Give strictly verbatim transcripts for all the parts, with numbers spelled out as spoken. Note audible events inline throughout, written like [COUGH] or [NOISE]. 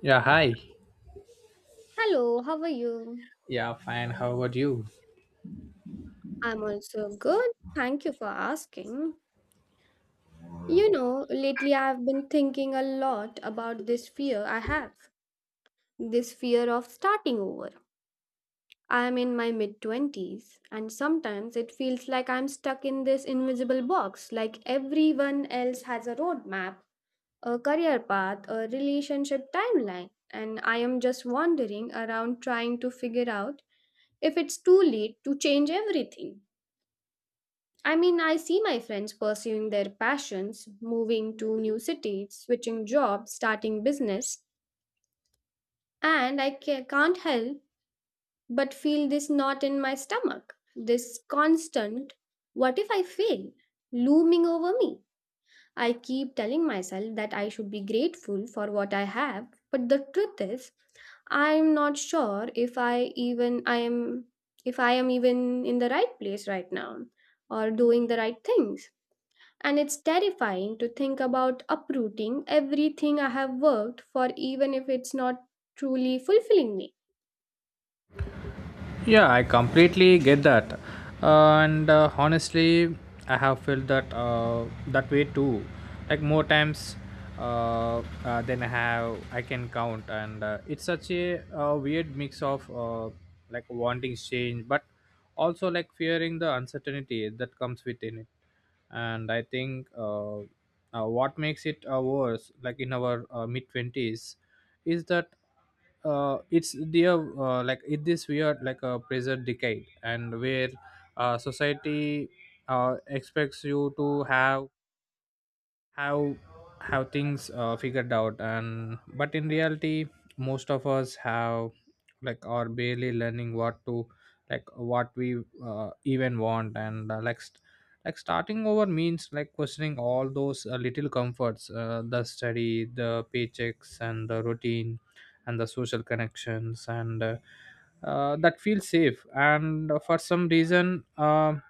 Yeah, hi. Hello, how are you? Yeah, fine. How about you? I'm also good. Thank you for asking. You know, lately I've been thinking a lot about this fear I have, this fear of starting over. I'm in my mid twenties, and sometimes it feels like I'm stuck in this invisible box, like everyone else has a roadmap, a career path, a relationship timeline, and I am just wandering around trying to figure out if it's too late to change everything. I mean, I see my friends pursuing their passions, moving to new cities, switching jobs, starting business, and I ca- can't help but feel this knot in my stomach, this constant, what if I fail, looming over me. I keep telling myself that I should be grateful for what I have, but the truth is, I'm not sure if I even I am if I am even in the right place right now or doing the right things. And it's terrifying to think about uprooting everything I have worked for, even if it's not truly fulfilling me. Yeah, I completely get that. And uh, honestly, I have felt that uh, that way too. Like more times uh, uh, than I have I can count. And uh, it's such a uh, weird mix of uh, like wanting change, but also like fearing the uncertainty that comes within it. And I think, uh, uh, what makes it uh, worse, like, in our uh, mid twenties is that uh, it's their uh, like it this weird like a present decade. And where uh, society uh, expects you to have how how things uh, figured out. And but in reality most of us have, like, are barely learning what to, like, what we uh, even want. And uh, like st- like starting over means like questioning all those uh, little comforts, uh, the study, the paychecks, and the routine, and the social connections, and uh, uh, that feels safe. And uh, for some reason, um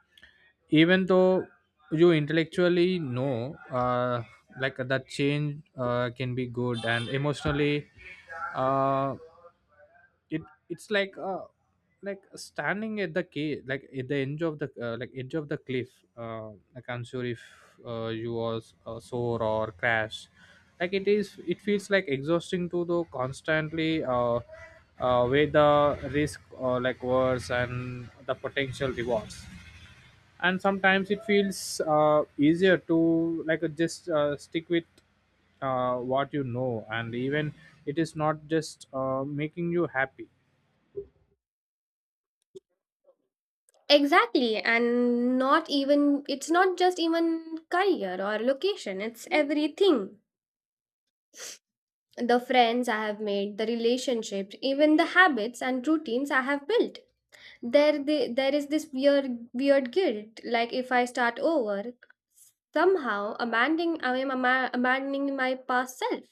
even though you intellectually know, uh, like that change uh, can be good. And emotionally, uh, it it's like uh, like standing at the key like at the edge of the, uh, like edge of the cliff, uh, like unsure if uh, you was uh, soar or crash. Like it is it feels like exhausting to the constantly uh, uh, weigh the risk, or like worse, and the potential rewards. And sometimes it feels uh, easier to, like, uh, just uh, stick with uh, what you know, and even it is not just uh, making you happy. Exactly, and not even, it's not just even career or location, it's everything. The friends I have made, the relationships, even the habits and routines I have built. There, the, there is this weird, weird guilt. Like if I start over, somehow abandoning, I am ama- abandoning my past self,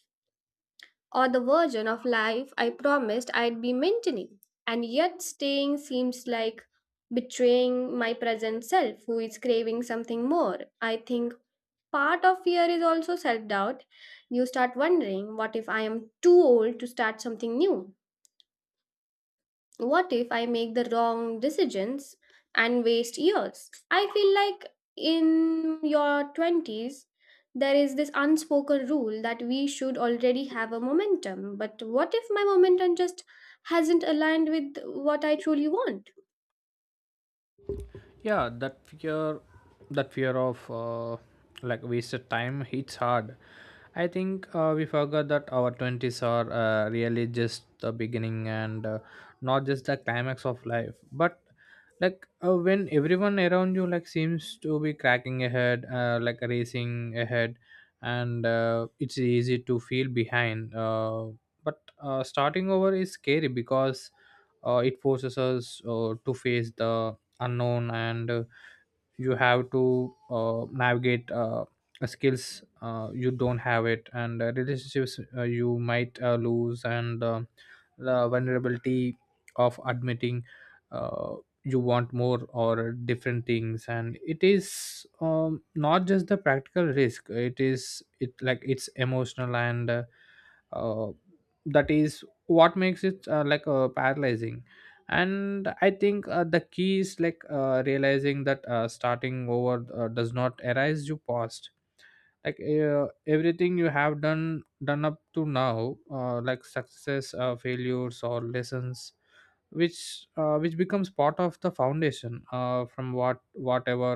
or the version of life I promised I'd be maintaining. And yet, staying seems like betraying my present self, who is craving something more. I think part of fear is also self doubt. You start wondering, what if I am too old to start something new? What if I make the wrong decisions and waste years? I feel like in your twenties, there is this unspoken rule that we should already have a momentum. But what if my momentum just hasn't aligned with what I truly want? Yeah, that fear that fear of uh, like wasted time hits hard. I think uh, we forgot that our twenties are uh, really just the beginning, and uh, not just the climax of life. But like uh, when everyone around you like seems to be cracking ahead uh, like racing ahead. And uh, it's easy to feel behind, uh, but uh, starting over is scary because uh, it forces us uh, to face the unknown. And uh, you have to uh, navigate uh, skills uh, you don't have it, and uh, relationships uh, you might uh, lose, and um the vulnerability of admitting uh, you want more or different things. And it is, um, not just the practical risk. It is it like it's emotional. And uh, uh, that is what makes it, uh, like uh, paralyzing. And I think uh, the key is like uh, realizing that uh, starting over uh, does not erase you past. Like uh, everything you have done done up to now, uh, like success, uh, failures or lessons, which uh, which becomes part of the foundation uh, from what whatever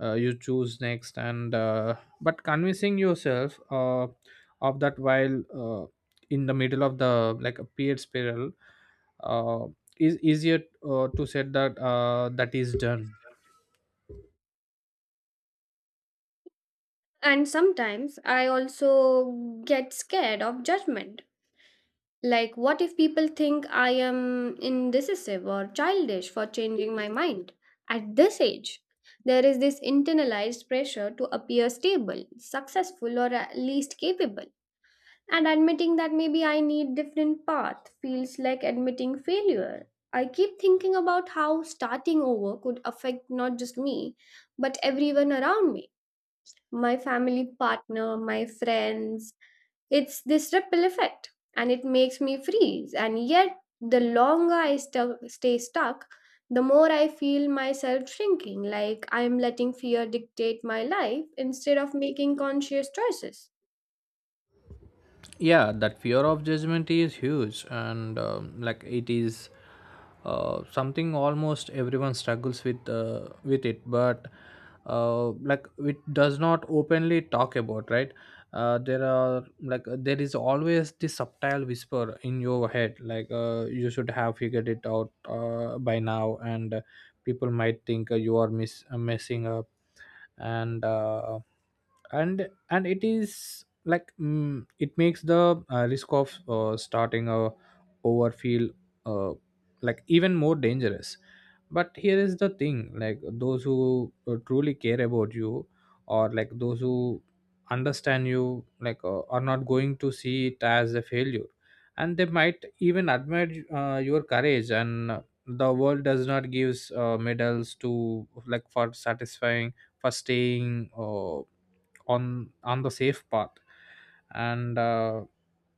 uh, you choose next. And uh, but convincing yourself uh, of that while uh, in the middle of the like a period spiral, uh, is easier uh, to said that uh, that is done. And sometimes I also get scared of judgment. Like, what if people think I am indecisive or childish for changing my mind? At this age, there is this internalized pressure to appear stable, successful, or at least capable. And admitting that maybe I need different path feels like admitting failure. I keep thinking about how starting over could affect not just me, but everyone around me. My family partner, my friends, it's this ripple effect, and it makes me freeze. And yet, the longer I stu- stay stuck, the more I feel myself shrinking, like I'm letting fear dictate my life instead of making conscious choices. Yeah, that fear of judgment is huge. And um, like it is uh, something almost everyone struggles with uh, with it, but uh, like it does not openly talk about, right? Uh, there are like uh, there is always this subtle whisper in your head, like uh, you should have figured it out uh, by now. And uh, people might think uh, you are miss uh, messing up. And uh, and and it is like, mm, it makes the uh, risk of uh, starting a over feel, uh, like, even more dangerous. But here is the thing, like those who uh, truly care about you, or like those who understand you, like uh, are not going to see it as a failure. And they might even admire uh, your courage. And uh, the world does not gives uh, medals to like for satisfying for staying uh, on on the safe path. And uh,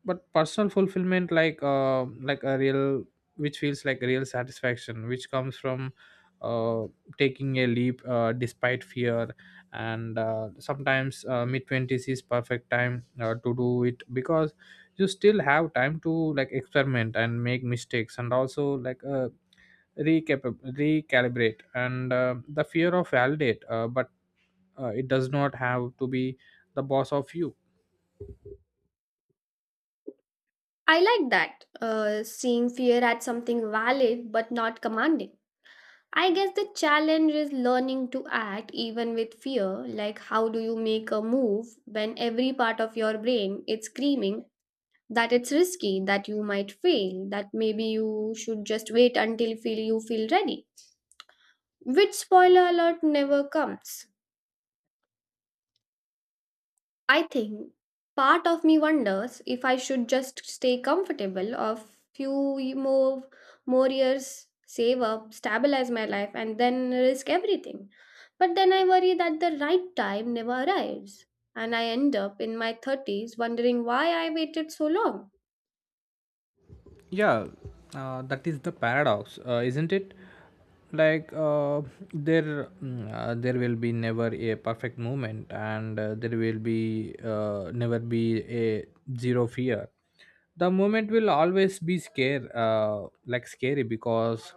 but personal fulfillment, like uh, like a real, which feels like real satisfaction, which comes from uh, taking a leap uh, despite fear. And uh, sometimes uh, mid twenties is perfect time uh, to do it, because you still have time to, like, experiment and make mistakes, and also like uh, recap recalibrate. And uh, the fear of validate, uh, but uh, it does not have to be the boss of you. I like that, uh, seeing fear as something valid but not commanding. I guess the challenge is learning to act even with fear. Like, how do you make a move when every part of your brain is screaming that it's risky, that you might fail, that maybe you should just wait until feel you feel ready, which spoiler alert never comes. I think part of me wonders if I should just stay comfortable a few ye- more more years, save up, stabilize my life and then risk everything. But then I worry that the right time never arrives and I end up in my thirties wondering why I waited so long. Yeah, uh, that is the paradox, uh, isn't it? Like uh, there mm, uh, there will be never a perfect moment, and uh, there will be uh, never be a zero fear. The moment will always be scare uh, like scary, because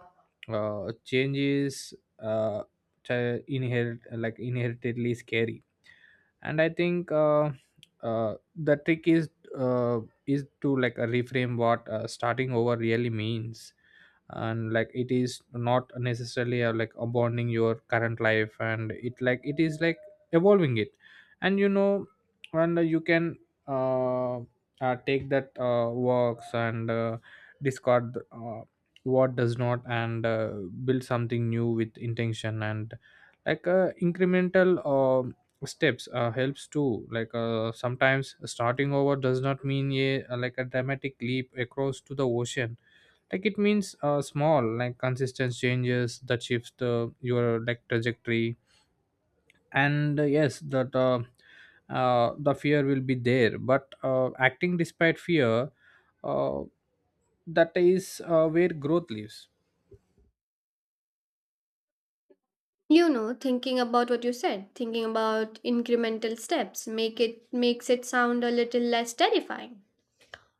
uh, change is, uh, ch- inherit like inheritedly scary. And I think uh, uh, the trick is uh, is to, like, uh, reframe what uh, starting over really means. And like it is not necessarily uh, like abandoning your current life. And it like it is like evolving it. and you know and you can uh, uh take that uh, works, and uh, discard uh, what does not, and uh, build something new with intention. And like uh, incremental uh, steps uh, helps too. Like uh, sometimes starting over does not mean a, uh, like, a dramatic leap across to the ocean. Like it means uh, small, like consistent changes that shifts the your like trajectory. And uh, yes that uh, uh, the fear will be there. But uh, acting despite fear, uh, that is uh, where growth lives. You know, thinking about what you said, thinking about incremental steps, make it makes it sound a little less terrifying.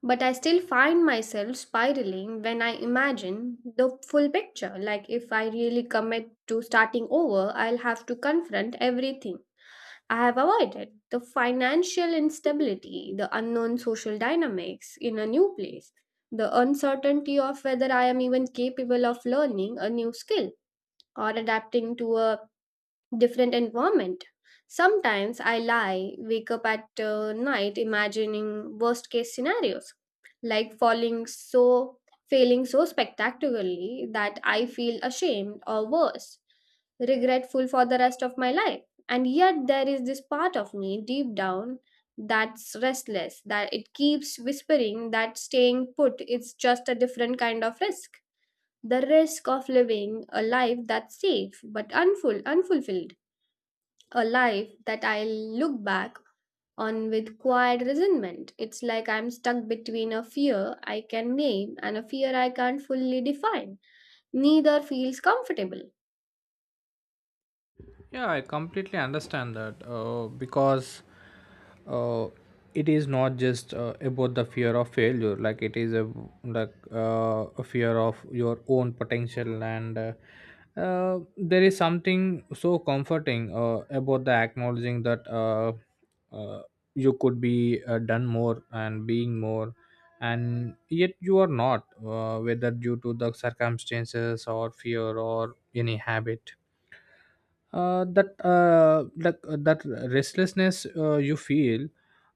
But I still find myself spiraling when I imagine the full picture. Like if I really commit to starting over, I'll have to confront everything I have avoided. The financial instability, the unknown social dynamics in a new place, the uncertainty of whether I am even capable of learning a new skill or adapting to a different environment. Sometimes I lie, wake up at uh, night imagining worst case scenarios, like falling so failing so spectacularly that I feel ashamed or worse, regretful for the rest of my life. And yet there is this part of me deep down that's restless, that it keeps whispering that staying put is just a different kind of risk. The risk of living a life that's safe but unful unfulfilled, a life that I look back on with quiet resentment. It's like I'm stuck between a fear I can name and a fear I can't fully define. Neither feels comfortable. Yeah, I completely understand that, uh, because uh, it is not just uh, about the fear of failure. Like it is a like uh, a fear of your own potential. And uh, uh, there is something so comforting uh, about the acknowledging that, uh, uh, you could be uh, done more and being more, and yet you are not, uh, whether due to the circumstances, or fear, or any habit, uh, that uh, like uh, that restlessness uh, you feel,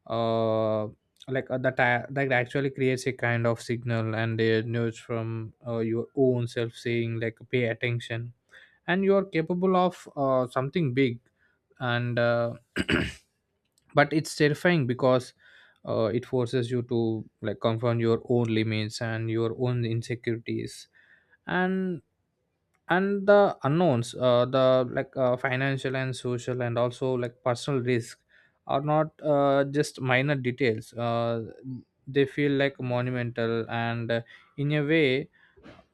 uh, like uh, that a- that actually creates a kind of signal and a nudge from uh, your own self saying, like, pay attention. And you are capable of uh, something big. And uh, [CLEARS THROAT] but it's terrifying because uh, it forces you to, like, confront your own limits and your own insecurities. And and the unknowns, uh, the, like, uh, financial and social and also like personal risk, are not uh, just minor details. Uh, they feel like monumental. And uh, in a way,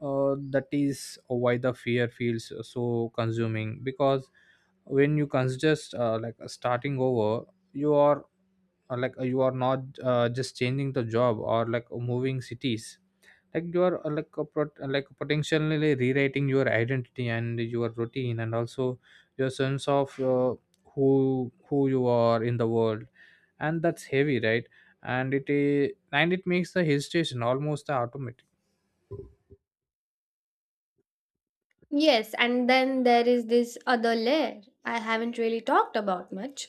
uh, that is why the fear feels so consuming, because when you consider uh, like starting over, you are uh, like you are not uh, just changing the job or like moving cities. Like you are, uh, like, a pot- uh, like, potentially rewriting your identity and your routine and also your sense of, uh, who who you are in the world. And that's heavy, right? And it is and it makes the hesitation almost automatic. Yes, and then there is this other layer I haven't really talked about much,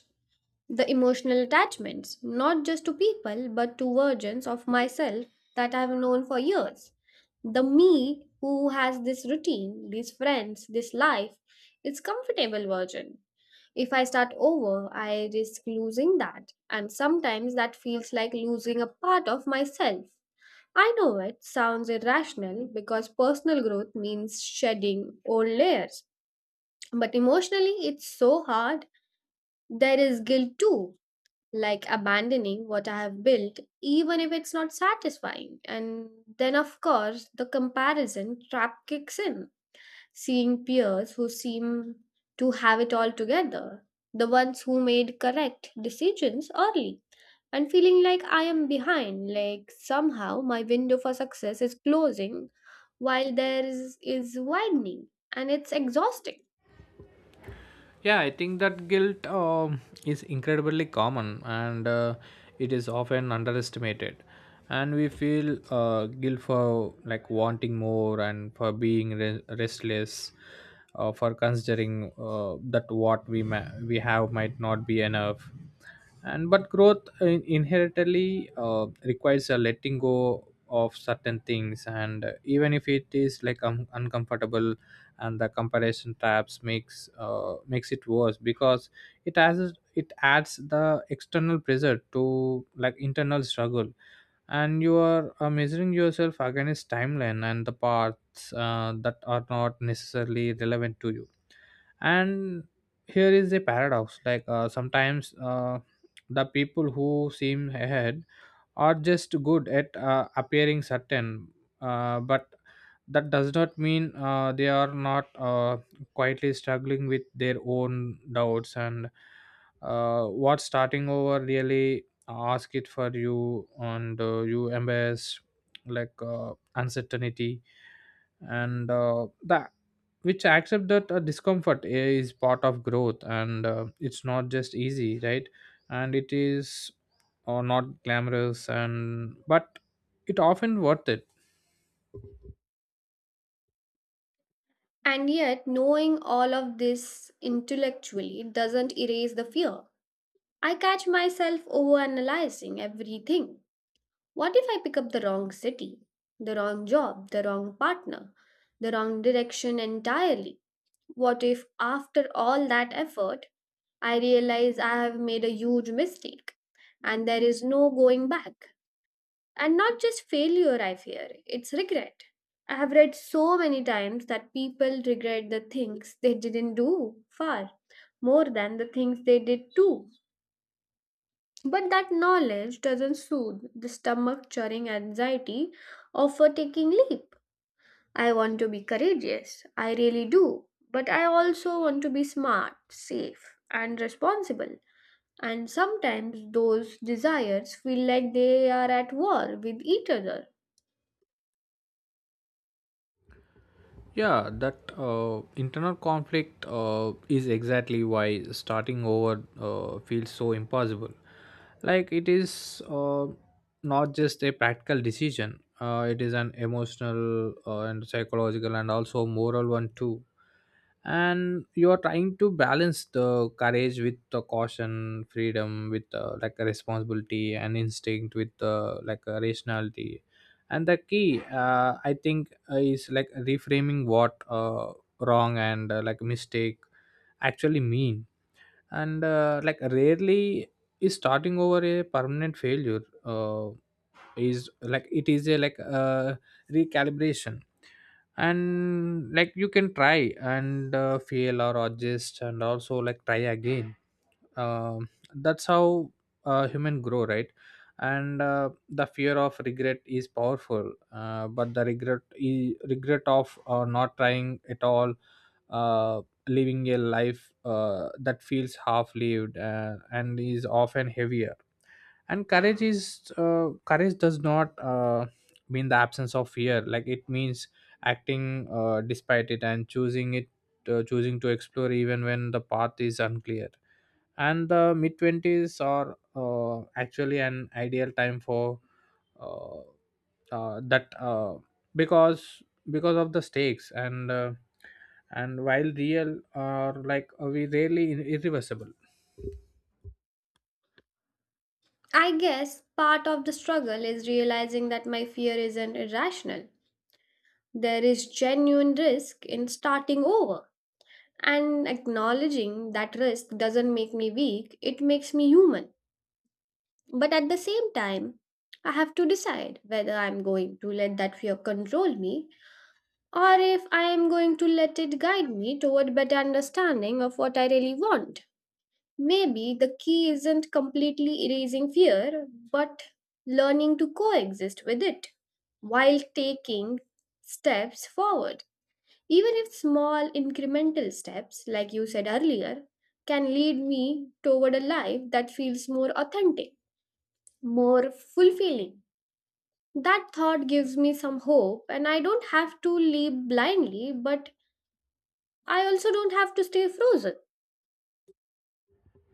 the emotional attachments, not just to people, but to versions of myself that I've known for years. The me who has this routine, these friends, this life, its comfortable version. If I start over, I risk losing that, and sometimes that feels like losing a part of myself. I know it sounds irrational because personal growth means shedding old layers, but emotionally it's so hard. There is guilt too, like abandoning what I have built, even if it's not satisfying. And then, of course, the comparison trap kicks in, seeing peers who seem to have it all together, the ones who made correct decisions early, and feeling like I am behind, like somehow my window for success is closing while theirs is widening, and it's exhausting. Yeah, I think that guilt um, is incredibly common, and uh, it is often underestimated. And we feel uh, guilt for like wanting more, and for being re- restless, uh, for considering uh, that what we ma- we have might not be enough. And but growth in- inherently uh, requires a letting go of certain things, and even if it is like, um, uncomfortable. And the comparison tabs makes uh, makes it worse, because it adds it adds the external pressure to like internal struggle. And you are uh, measuring yourself against timeline and the paths uh, that are not necessarily relevant to you. And here is a paradox, like uh, sometimes uh, the people who seem ahead are just good at uh, appearing certain, uh, but that does not mean uh, they are not uh, quietly struggling with their own doubts. And uh, what starting over really uh, ask it for you, and uh, you embrace like uh, uncertainty. And uh, the which accept that uh, discomfort is part of growth. And uh, it's not just easy, right? And it is uh, not glamorous, and but it often worth it. And yet, knowing all of this intellectually doesn't erase the fear. I catch myself overanalyzing everything. What if I pick up the wrong city, the wrong job, the wrong partner, the wrong direction entirely? What if, after all that effort, I realize I have made a huge mistake and there is no going back? And not just failure, I fear, it's regret. I have read so many times that people regret the things they didn't do far more than the things they did too. But that knowledge doesn't soothe the stomach churning anxiety of a taking leap. I want to be courageous, I really do. But I also want to be smart, safe, and responsible. And sometimes those desires feel like they are at war with each other. Yeah, that uh, internal conflict uh, is exactly why starting over uh, feels so impossible. Like it is uh, not just a practical decision. Uh, it is an emotional uh, and psychological and also moral one too. And you are trying to balance the courage with the caution, freedom with uh, like a responsibility, and instinct with uh, like a rationality. And the key, uh, I think, uh, is like reframing what uh, wrong and, uh, like, mistake actually mean. And uh, like rarely is starting over a permanent failure. Uh, is like it is a like uh, recalibration. And like you can try and uh, fail, or adjust, and also like try again. um, that's how uh, human grow, right? And uh, the fear of regret is powerful, uh, but the regret i- regret of uh, not trying at all, uh, living a life uh, that feels half lived, uh, and is often heavier. And courage is uh, courage does not uh, mean the absence of fear. Like it means acting uh, despite it, and choosing it, uh, choosing to explore even When the path is unclear and the mid twenties are uh, actually an ideal time for uh, uh, that uh, because because of the stakes and uh, and while real are like uh, we rarely irreversible. I guess part of the struggle is realizing that my fear isn't irrational. There is genuine risk in starting over. And acknowledging that risk doesn't make me weak, it makes me human. But at the same time, I have to decide whether I'm going to let that fear control me or if I am going to let it guide me toward better understanding of what I really want. Maybe the key isn't completely erasing fear, but learning to coexist with it while taking steps forward. Even if small incremental steps, like you said earlier, can lead me toward a life that feels more authentic, more fulfilling. That thought gives me some hope, and I don't have to leap blindly, but I also don't have to stay frozen.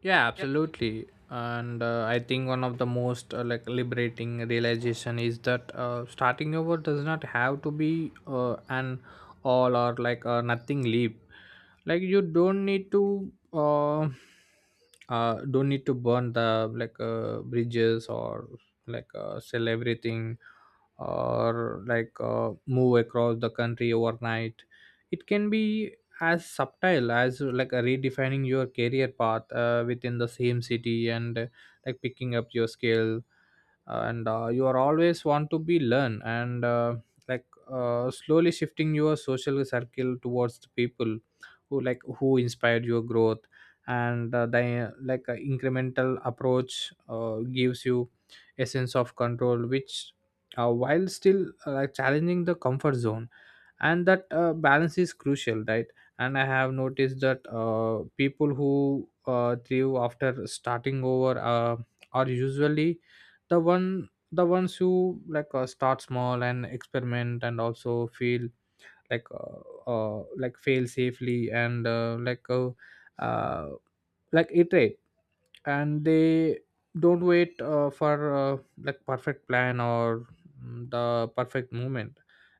Yeah, absolutely, and uh, I think one of the most uh, like liberating realization is that uh, starting over does not have to be uh, an all or like a nothing leap. Like you don't need to uh, uh don't need to burn the like uh, bridges or like uh, sell everything or like uh, move across the country overnight. It can be as subtle as like a redefining your career path uh, within the same city, and uh, like picking up your skill, uh, and uh, you are always want to be learn, and uh, like uh, slowly shifting your social circle towards the people who like who inspired your growth. And uh, the like uh, incremental approach uh, gives you a sense of control which, uh, while still uh, challenging the comfort zone, and that uh, balance is crucial, right? And I have noticed that uh, people who uh, thrive after starting over uh, are usually the one the ones who like uh, start small and experiment, and also feel like uh, uh, like fail safely, and uh, like uh, uh, like iterate. And they don't wait uh, for uh, like perfect plan or mm, the perfect moment.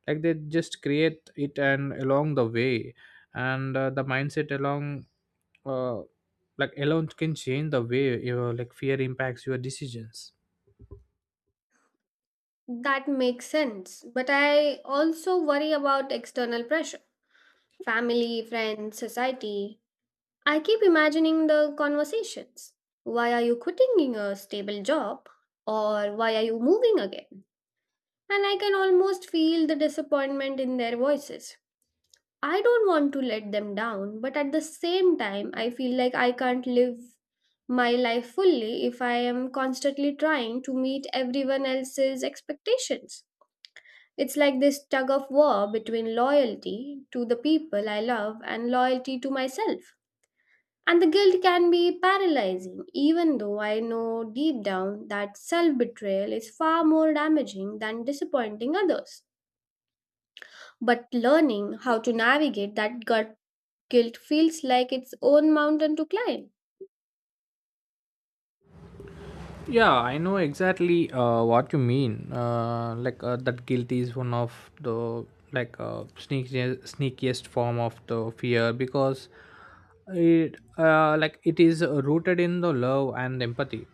Like they just create it and along the way, and uh, the mindset along uh, like alone can change the way your like fear impacts your decisions. That makes sense. But I also worry about external pressure, family, friends, society. I keep imagining the conversations. Why are you quitting your stable job? Or why are you moving again? And I can almost feel the disappointment in their voices. I don't want to let them down, but at the same time, I feel like I can't live my life fully if I am constantly trying to meet everyone else's expectations. It's like this tug of war between loyalty to the people I love and loyalty to myself. And the guilt can be paralyzing, even though I know deep down that self betrayal is far more damaging than disappointing others. But learning how to navigate that gut guilt feels like its own mountain to climb. Yeah, I know exactly uh, what you mean. Uh, like uh, that guilt is one of the like uh, sneakiest, sneakiest form of the fear because it uh, like it is uh, rooted in the love and empathy.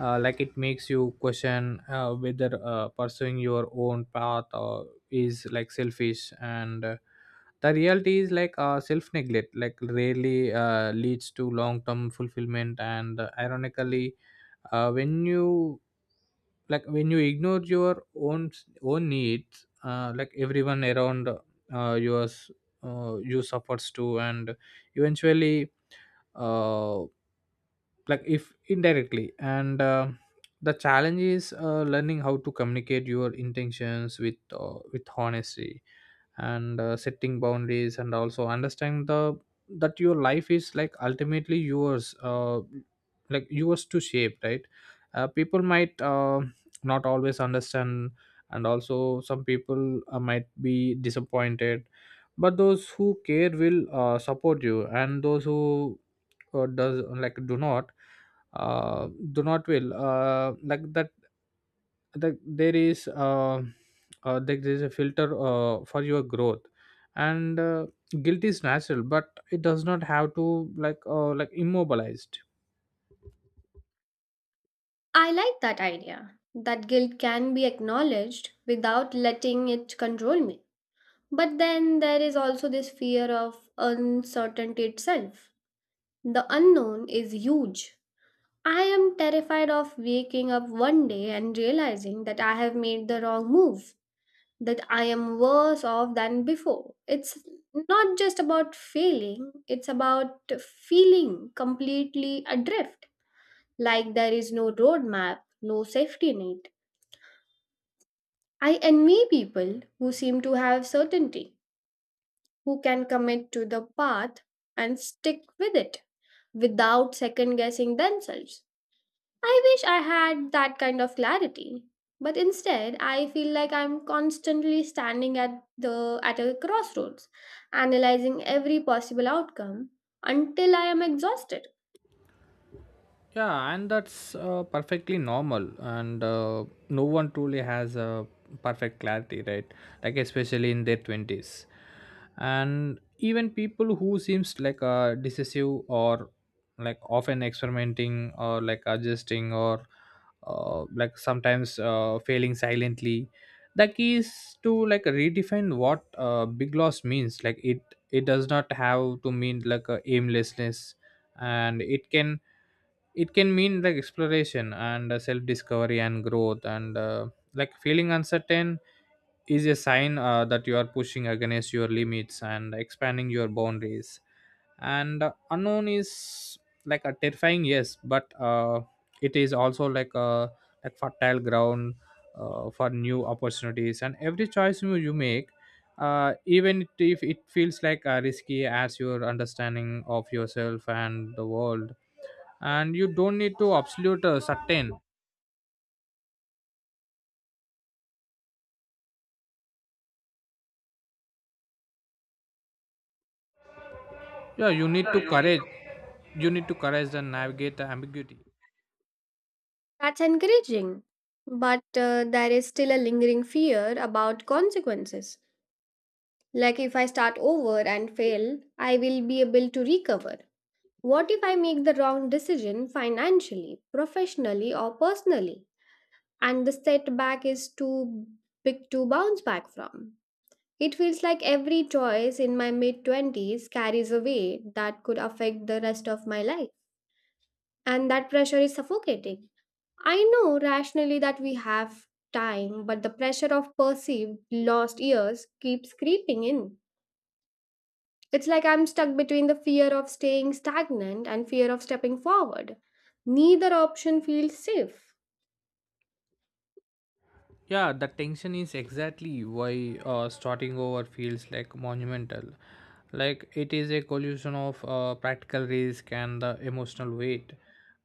Uh, like it makes you question uh, whether uh, pursuing your own path uh, is like selfish, and uh, the reality is like uh, self neglect like rarely uh, leads to long term fulfillment, and uh, ironically, uh, when you like when you ignore your own own needs, uh, like everyone around uh, yours, uh, you suffers too, and eventually, uh, like if indirectly, and uh, the challenge is uh, learning how to communicate your intentions with uh, with honesty, and uh, setting boundaries, and also understand the that your life is like ultimately yours, uh, like yours to shape, right? Uh, people might uh, not always understand, and also some people uh, might be disappointed, but those who care will uh, support you, and those who or does like do not uh, do not will uh, like that the, there is uh, uh, there is a filter uh, for your growth, and uh, guilt is natural but it does not have to like uh, like immobilized. I like that idea that guilt can be acknowledged without letting it control me. But then there is also this fear of uncertainty itself. The unknown is huge. I am terrified of waking up one day and realizing that I have made the wrong move, that I am worse off than before. It's not just about failing, it's about feeling completely adrift, like there is no roadmap, no safety net. I envy people who seem to have certainty, who can commit to the path and stick with it without second guessing themselves. I wish I had that kind of clarity. But instead, I feel like I'm constantly standing at the at a crossroads, analyzing every possible outcome until I am exhausted. Yeah, and that's uh, perfectly normal, and uh, no one truly has a perfect clarity, right? Like especially in their twenties, and even people who seems like uh, decisive or like often experimenting or like adjusting or uh, like sometimes uh, failing silently. The key is to like redefine what uh, big loss means. Like it, it does not have to mean like uh, aimlessness, and it can it can mean like exploration and uh, self discovery and growth, and uh, like feeling uncertain is a sign uh, that you are pushing against your limits and expanding your boundaries, and uh, unknown is like a terrifying, yes, but uh, it is also like a like fertile ground uh, for new opportunities, and every choice you, you make, uh, even it- if it feels like uh, risky as your understanding of yourself and the world. And you don't need to absolute uh, certain, yeah, you need to That's courage. You need to courage and navigate the ambiguity. encouraging. But uh, there is still a lingering fear about consequences. Like if I start over and fail, I will be able to recover. What if I make the wrong decision financially, professionally, or personally, and the setback is too big to bounce back from? It feels like every choice in my mid twenties carries a weight that could affect the rest of my life, and that pressure is suffocating. I know rationally that we have time, but the pressure of perceived lost years keeps creeping in. It's like I'm stuck between the fear of staying stagnant and fear of stepping forward. Neither option feels safe. Yeah, the tension is exactly why uh, starting over feels like monumental. Like it is a collision of uh, practical risk and the emotional weight.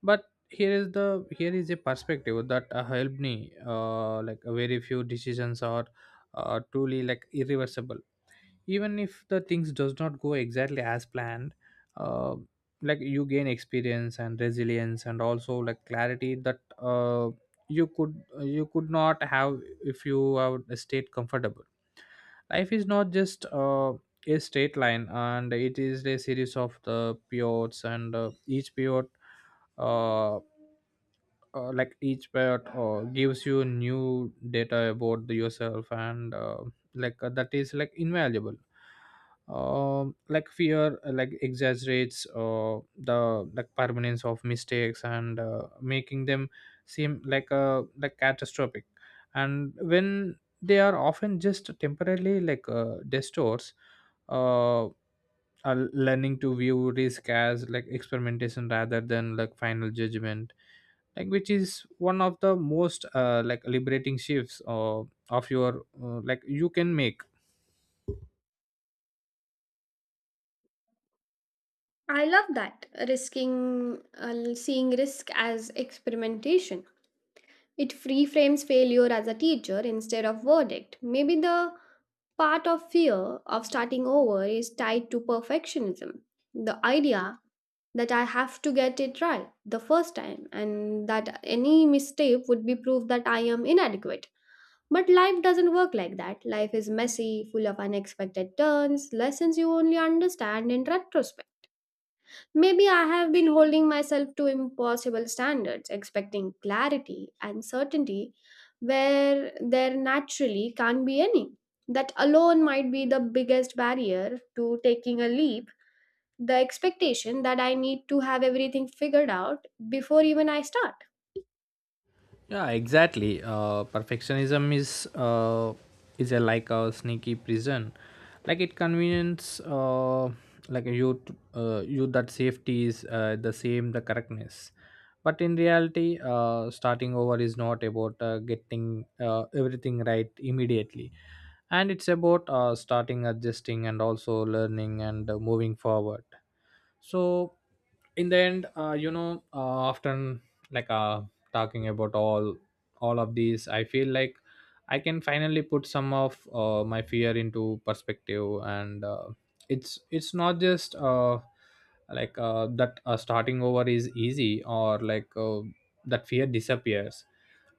But here is the here is a perspective that uh, helped me. Uh, like very few decisions are uh, truly like irreversible. Even if the things does not go exactly as planned, uh, like you gain experience and resilience, and also like clarity that uh, you could you could not have if you have stayed comfortable. Life is not just uh, a straight line, and it is a series of the periods, and uh, each period uh, uh, like each pet uh, gives you new data about the yourself, and uh, like uh, that is like invaluable. Um like fear uh, like exaggerates uh, the like permanence of mistakes, and uh, making them seem like uh, like catastrophic, and when they are often just temporarily like uh, distorts. uh, are learning to view risk as like experimentation rather than like final judgment, like which is one of the most uh, like liberating shifts uh, of your uh, like you can make. I love that, risking uh, seeing risk as experimentation. It reframes failure as a teacher instead of verdict. Maybe the part of fear of starting over is tied to perfectionism. The idea that I have to get it right the first time and that any mistake would be proof that I am inadequate. But life doesn't work like that. Life is messy, full of unexpected turns, lessons you only understand in retrospect. Maybe I have been holding myself to impossible standards, expecting clarity and certainty where there naturally can't be any. That alone might be the biggest barrier to taking a leap, the expectation that I need to have everything figured out before even I start. Yeah, exactly. Uh, perfectionism is uh, is a like a sneaky prison. Like it convenience uh, like you t- uh, you that safety is uh, the same the correctness, but in reality, uh, starting over is not about uh, getting uh, everything right immediately, and it's about uh, starting adjusting and also learning, and uh, moving forward. So in the end, uh, you know, uh, often like uh, talking about all all of these, I feel like I can finally put some of uh, my fear into perspective, and uh, it's it's not just uh, like uh, that uh, starting over is easy or like uh, that fear disappears.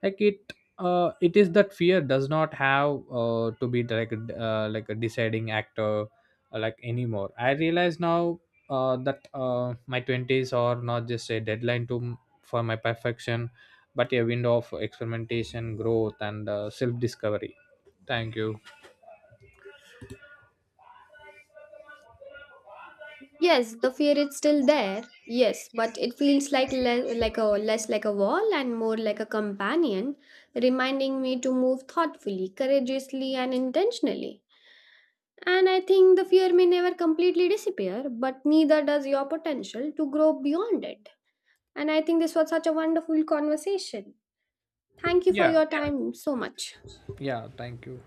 Like it uh, it is that fear does not have uh, to be like a- uh, like a deciding actor uh, like anymore, I realize now uh, that uh, my twenties are not just a deadline to m- for my perfection, but a window of experimentation, growth, and uh, self discovery. Thank you. Yes, the fear is still there. Yes, but it feels like le- like a less like a wall and more like a companion, reminding me to move thoughtfully, courageously, and intentionally. And I think the fear may never completely disappear, but neither does your potential to grow beyond it. And I think this was such a wonderful conversation. Thank you for Yeah. your time so much. Yeah, thank you.